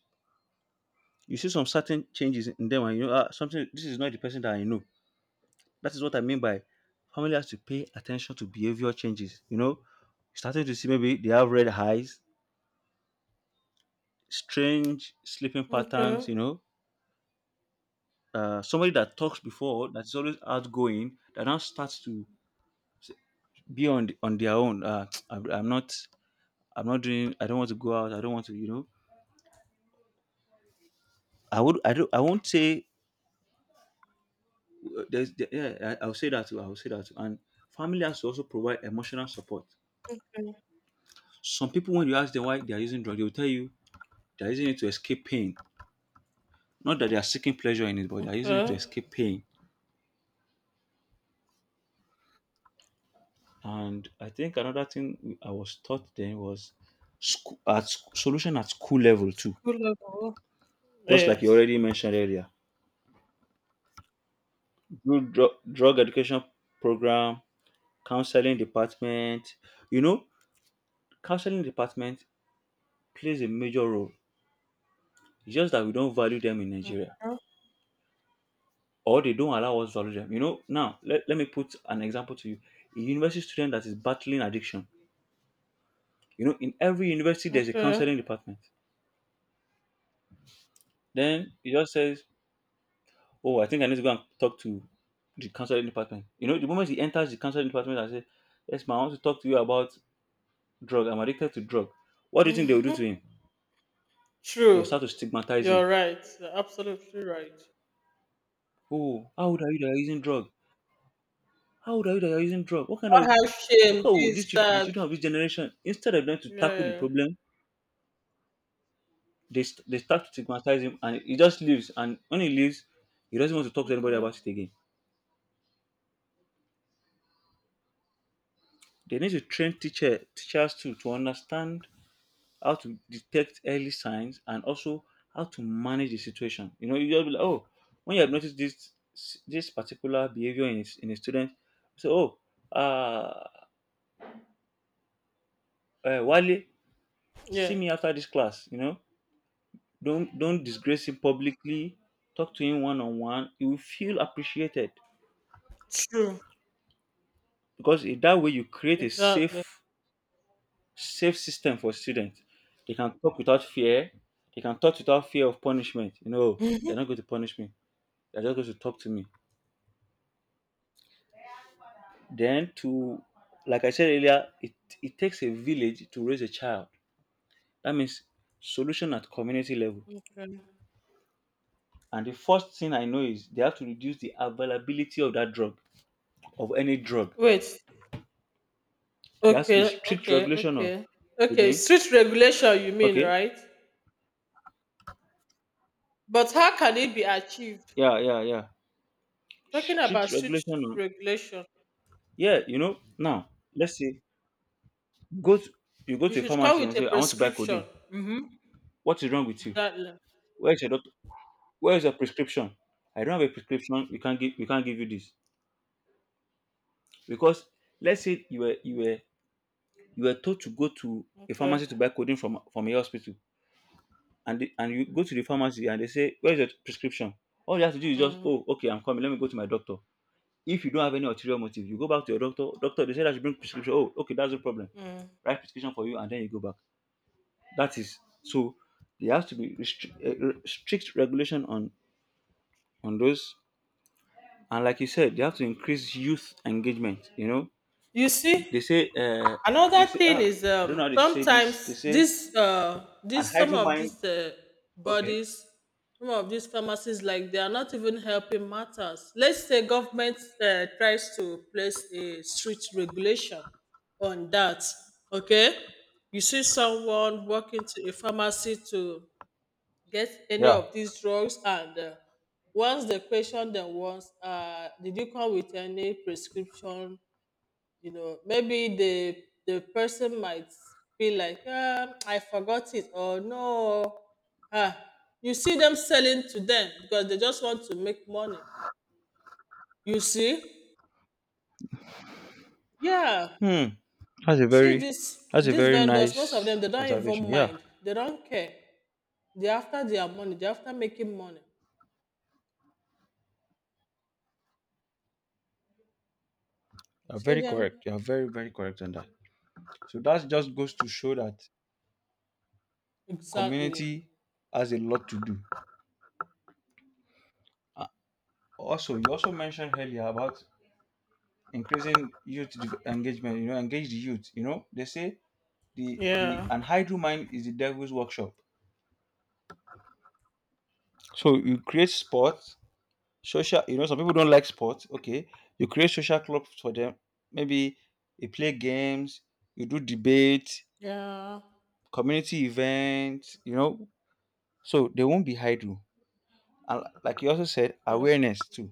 [SPEAKER 1] You see some certain changes in them, and you know, ah, something. This is not the person that I know. That is what I mean by family has to pay attention to behavior changes. You know, starting to see maybe they have red eyes, strange sleeping patterns,
[SPEAKER 2] Okay.
[SPEAKER 1] you know, somebody that talks before, that is always outgoing, that now starts to s- be on the, on their own. I'm not doing, I don't want to go out. I don't want to, you know, I don't, I won't say, yeah, I'll say that too. I'll say that too. And family has to also provide emotional support. Some people, when you ask them why they are using drugs, they will tell you they are using it to escape pain. Not that they are seeking pleasure in it, but they are using it to
[SPEAKER 2] Okay.
[SPEAKER 1] escape pain. And I think another thing I was taught then was school, at solution at school level too.
[SPEAKER 2] School level.
[SPEAKER 1] Just like you
[SPEAKER 2] Yes.
[SPEAKER 1] already mentioned earlier, good drug education program, counseling department. You know, counseling department plays a major role. It's just that we don't value them in Nigeria,
[SPEAKER 2] Okay.
[SPEAKER 1] or they don't allow us to value them. You know, now let, let me put an example to you: a university student that is battling addiction. You know, in every university there's a
[SPEAKER 2] Okay.
[SPEAKER 1] counseling department. Then he just says, "Oh, I think I need to go and talk to the counseling department." You know, the moment he enters the counseling department and says, "Yes, ma'am, I want to talk to you about drug. I'm addicted to drug." What do you think they will do to him? They will
[SPEAKER 2] True.
[SPEAKER 1] start to stigmatize him.
[SPEAKER 2] You're right. You're absolutely right.
[SPEAKER 1] "Oh, how old are you that you're using drug? How old are you that you're using drug? What kind
[SPEAKER 2] Or
[SPEAKER 1] of
[SPEAKER 2] have shame, this,
[SPEAKER 1] these children, the
[SPEAKER 2] that.
[SPEAKER 1] children of this generation," instead of them to tackle the
[SPEAKER 2] Yeah.
[SPEAKER 1] problem, they start to stigmatize him and he just leaves. And when he leaves, he doesn't want to talk to anybody
[SPEAKER 2] Okay.
[SPEAKER 1] about it again. They need to train teachers too to understand how to detect early signs, and also how to manage the situation. You know, you just be like, oh, when you have noticed this particular behavior in in a student, say, oh, uh, Wale, see
[SPEAKER 2] Yeah.
[SPEAKER 1] me after this class. You know, don't disgrace him publicly. Talk to him one on one. You will feel appreciated
[SPEAKER 2] True.
[SPEAKER 1] because in that way you create a
[SPEAKER 2] Exactly.
[SPEAKER 1] safe system for students. They can talk without fear. They can talk without fear of punishment. You know, "Oh, they're
[SPEAKER 2] Mhm.
[SPEAKER 1] not going to punish me. They're just going to talk to me." Then to, like I said earlier, it takes a village to raise a child. That means solution at community level.
[SPEAKER 2] Okay.
[SPEAKER 1] And the first thing I know is they have to reduce the availability of that drug, of any drug.
[SPEAKER 2] Wait.
[SPEAKER 1] There has to be
[SPEAKER 2] Okay.
[SPEAKER 1] strict
[SPEAKER 2] Okay.
[SPEAKER 1] regulation of
[SPEAKER 2] Okay. Okay.
[SPEAKER 1] codeine.
[SPEAKER 2] Street regulation, you mean,
[SPEAKER 1] Okay.
[SPEAKER 2] right? But how can it be achieved?
[SPEAKER 1] Yeah, yeah, yeah.
[SPEAKER 2] Talking about
[SPEAKER 1] Strict
[SPEAKER 2] street
[SPEAKER 1] regulation on,
[SPEAKER 2] regulation,
[SPEAKER 1] yeah, you know, now let's say go to, you go
[SPEAKER 2] you
[SPEAKER 1] to a
[SPEAKER 2] should come
[SPEAKER 1] pharmacy
[SPEAKER 2] with
[SPEAKER 1] and
[SPEAKER 2] a
[SPEAKER 1] say, "I want to buy
[SPEAKER 2] prescription.
[SPEAKER 1] codeine."
[SPEAKER 2] Mm-hmm.
[SPEAKER 1] "What is wrong with you?
[SPEAKER 2] Exactly.
[SPEAKER 1] Where is your doctor? Where is your prescription?" "I don't have a prescription." "We can't give you this." Because let's say you were you were told to go to a pharmacy to
[SPEAKER 2] Okay.
[SPEAKER 1] buy codeine from a hospital, and they, and you go to the pharmacy and they say, "Where's your prescription?" All you have to do is just, "Oh, okay, I'm coming. Let me go to my doctor." If you don't have any ulterior motive, you go back to your doctor. "Doctor, they said I should bring prescription." "Oh, okay, that's no problem."
[SPEAKER 2] Mm-hmm.
[SPEAKER 1] Write prescription for you, and then you go back. That is so. There has to be strict regulation on those, and like you said, they have to increase youth engagement. You know,
[SPEAKER 2] You
[SPEAKER 1] they
[SPEAKER 2] see?
[SPEAKER 1] say, they
[SPEAKER 2] Another
[SPEAKER 1] say,
[SPEAKER 2] thing
[SPEAKER 1] ah,
[SPEAKER 2] is,
[SPEAKER 1] I don't know how they say this. They
[SPEAKER 2] sometimes
[SPEAKER 1] say,
[SPEAKER 2] this
[SPEAKER 1] and
[SPEAKER 2] this some
[SPEAKER 1] hydro
[SPEAKER 2] of
[SPEAKER 1] mine.
[SPEAKER 2] these
[SPEAKER 1] Okay.
[SPEAKER 2] bodies, some of these pharmacies like they are not even helping matters. Let's say government tries to place a strict regulation on that. Okay, you see someone walking to a pharmacy to get any
[SPEAKER 1] Yeah.
[SPEAKER 2] of these drugs, and once they question them once, did you come with any prescription? You know, maybe the person might be like, ah, I forgot it, or no, ah, you see them selling to them because they just want to make money. You see? Yeah,
[SPEAKER 1] Hmm. That's a
[SPEAKER 2] you see,
[SPEAKER 1] very,
[SPEAKER 2] this
[SPEAKER 1] that's a
[SPEAKER 2] these
[SPEAKER 1] very
[SPEAKER 2] vendors, most of
[SPEAKER 1] nice
[SPEAKER 2] them, they don't
[SPEAKER 1] observation.
[SPEAKER 2] even
[SPEAKER 1] Yeah.
[SPEAKER 2] mind, they don't care. They're after their money, they're after making money. You
[SPEAKER 1] You're
[SPEAKER 2] see
[SPEAKER 1] very
[SPEAKER 2] them.
[SPEAKER 1] correct. You're very, very correct on that. So that just goes to show that
[SPEAKER 2] Exactly.
[SPEAKER 1] community has a lot to do. Uh, also, you also mentioned earlier about increasing youth engagement. You know, engage the youth. You know, they say the
[SPEAKER 2] Yeah.
[SPEAKER 1] and hydro mine is the devil's workshop. So you create sports. Social, you know, some people don't like sports. Okay, you create social clubs for them. Maybe you play games, you do debates,
[SPEAKER 2] Yeah.
[SPEAKER 1] community events. You know, so they won't be idle. And like you also said,
[SPEAKER 2] Okay.
[SPEAKER 1] awareness too.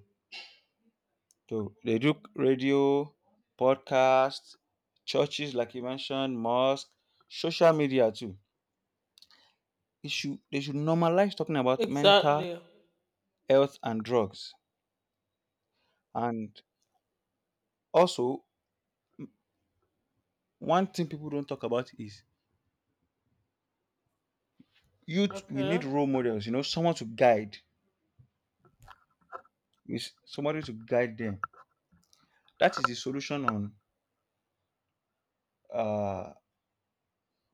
[SPEAKER 1] So they do radio, podcasts, churches, like you mentioned, mosque, social media too. It should they should normalize talking about mental
[SPEAKER 2] Exactly.
[SPEAKER 1] health and drugs. And also, one thing people don't talk about is youth, we
[SPEAKER 2] Okay.
[SPEAKER 1] need role models, you know, someone to guide, is somebody to guide them. That is the solution on uh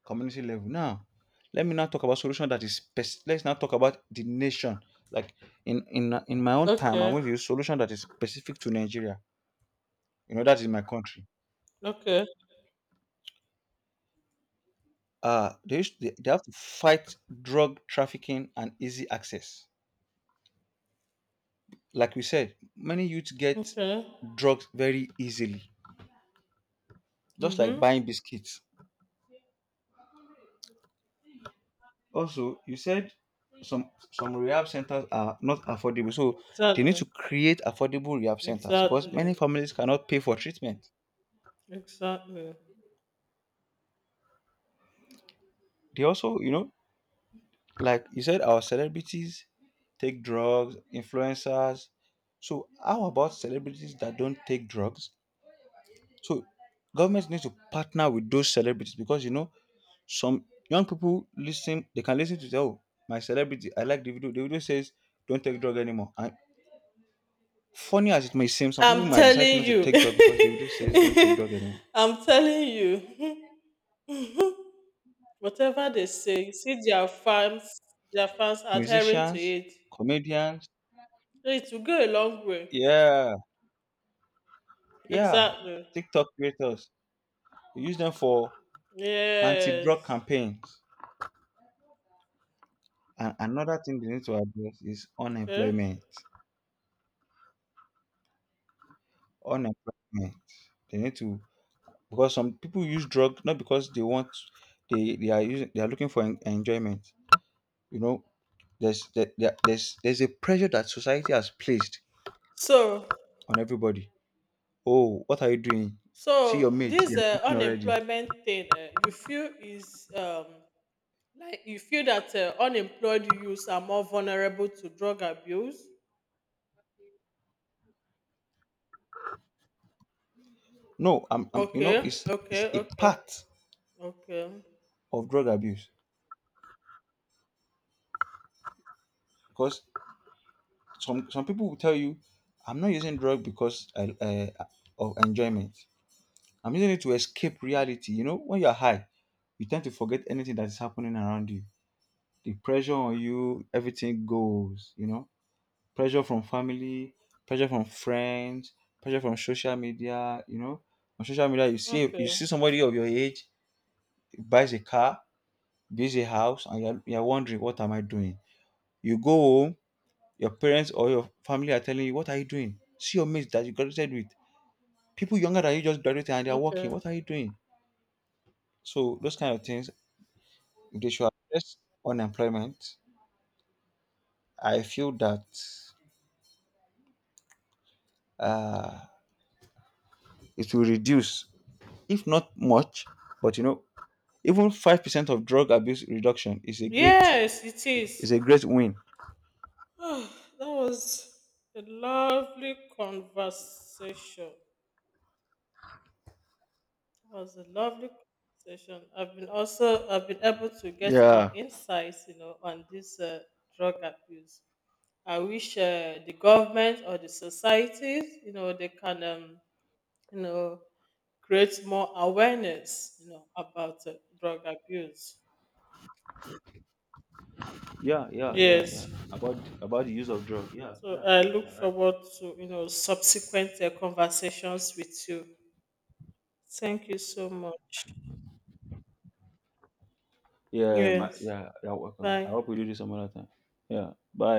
[SPEAKER 1] community level. Now let me now talk about solution that is let's now talk about the nation. Like in my own time, I'm
[SPEAKER 2] Okay.
[SPEAKER 1] going to use solution that is specific to Nigeria. You know, that is my country.
[SPEAKER 2] Okay.
[SPEAKER 1] They, have to fight drug trafficking and easy access. Like we said, many youths get
[SPEAKER 2] Okay.
[SPEAKER 1] drugs very easily, just like
[SPEAKER 2] Mm-hmm.
[SPEAKER 1] buying biscuits. Also, you said some rehab centers are not affordable, so they need to
[SPEAKER 2] Exactly.
[SPEAKER 1] create affordable rehab centers because many
[SPEAKER 2] Exactly.
[SPEAKER 1] families cannot pay for treatment.
[SPEAKER 2] Exactly.
[SPEAKER 1] They also, you know, like you said, our celebrities take drugs, influencers. So how about celebrities that don't take drugs? So governments need to partner with those celebrities because, you know, some young people listen. They can listen to say, "Oh, my celebrity, I like the video. The video says don't take drug anymore," and funny as it may seem, some people
[SPEAKER 2] I'm
[SPEAKER 1] might decide
[SPEAKER 2] telling
[SPEAKER 1] not to
[SPEAKER 2] you.
[SPEAKER 1] take drug because the video says don't take drug anymore.
[SPEAKER 2] I'm telling you. Whatever they say, you see their fans adhering to
[SPEAKER 1] Musicians,
[SPEAKER 2] it.
[SPEAKER 1] comedians,
[SPEAKER 2] So it will go a long way.
[SPEAKER 1] yeah, yeah,
[SPEAKER 2] Exactly.
[SPEAKER 1] TikTok creators, they use them for
[SPEAKER 2] Yes.
[SPEAKER 1] anti-drug campaigns. And another thing they need to address is
[SPEAKER 2] Okay.
[SPEAKER 1] unemployment. Unemployment. They need to, because some people use drug not because they want they are using, they are looking for enjoyment. You know, there's there, there- there's a pressure that society has placed
[SPEAKER 2] So,
[SPEAKER 1] on everybody. "Oh, what are you doing? See
[SPEAKER 2] so
[SPEAKER 1] your mates,
[SPEAKER 2] this
[SPEAKER 1] they're working already."
[SPEAKER 2] unemployment thing, you feel is like you feel that unemployed youths are more vulnerable to drug abuse.
[SPEAKER 1] No, I'm, you
[SPEAKER 2] Okay,
[SPEAKER 1] know, it's
[SPEAKER 2] okay,
[SPEAKER 1] a
[SPEAKER 2] okay,
[SPEAKER 1] part
[SPEAKER 2] okay,
[SPEAKER 1] of drug abuse because some people will tell you, "I'm not using drug because I, uh, of enjoyment. I'm using it to escape
[SPEAKER 2] mm,
[SPEAKER 1] reality." You know, when you're high, you tend to forget anything that is happening around you. The pressure on you, everything goes, you know. Pressure from family, pressure from friends, pressure from social media, you know. On social media you
[SPEAKER 2] okay,
[SPEAKER 1] see somebody of your age, buys a car, builds a house, and you're wondering, what am I doing? You go home, your parents or your family are telling you, what are you doing? See your mates that you graduated with. People younger than you just graduated and they're
[SPEAKER 2] okay.
[SPEAKER 1] working. What are you doing? So those kind of things, they should address unemployment. I feel that uh, it will reduce, if not much, but you know, even 5% of drug abuse reduction is a great
[SPEAKER 2] Yes, it is.
[SPEAKER 1] win.
[SPEAKER 2] Ah, that was a lovely conversation. It was a lovely conversation. I've been able to get more
[SPEAKER 1] Yeah.
[SPEAKER 2] insights, you know, on this drug abuse. I wish the government or the societies, you know, they can, you know, create more awareness, you know, about drug abuse.
[SPEAKER 1] Yeah, yeah, yeah, yeah.
[SPEAKER 2] Yes.
[SPEAKER 1] About the use of drug. Yeah,
[SPEAKER 2] So
[SPEAKER 1] yeah,
[SPEAKER 2] I
[SPEAKER 1] yeah,
[SPEAKER 2] look
[SPEAKER 1] yeah. Right.
[SPEAKER 2] forward to, you know, subsequent conversations with you. Thank you so much.
[SPEAKER 1] Yeah, my,
[SPEAKER 2] Yes.
[SPEAKER 1] yeah. You're welcome. I
[SPEAKER 2] Bye.
[SPEAKER 1] hope we do this some other time. Yeah. Bye.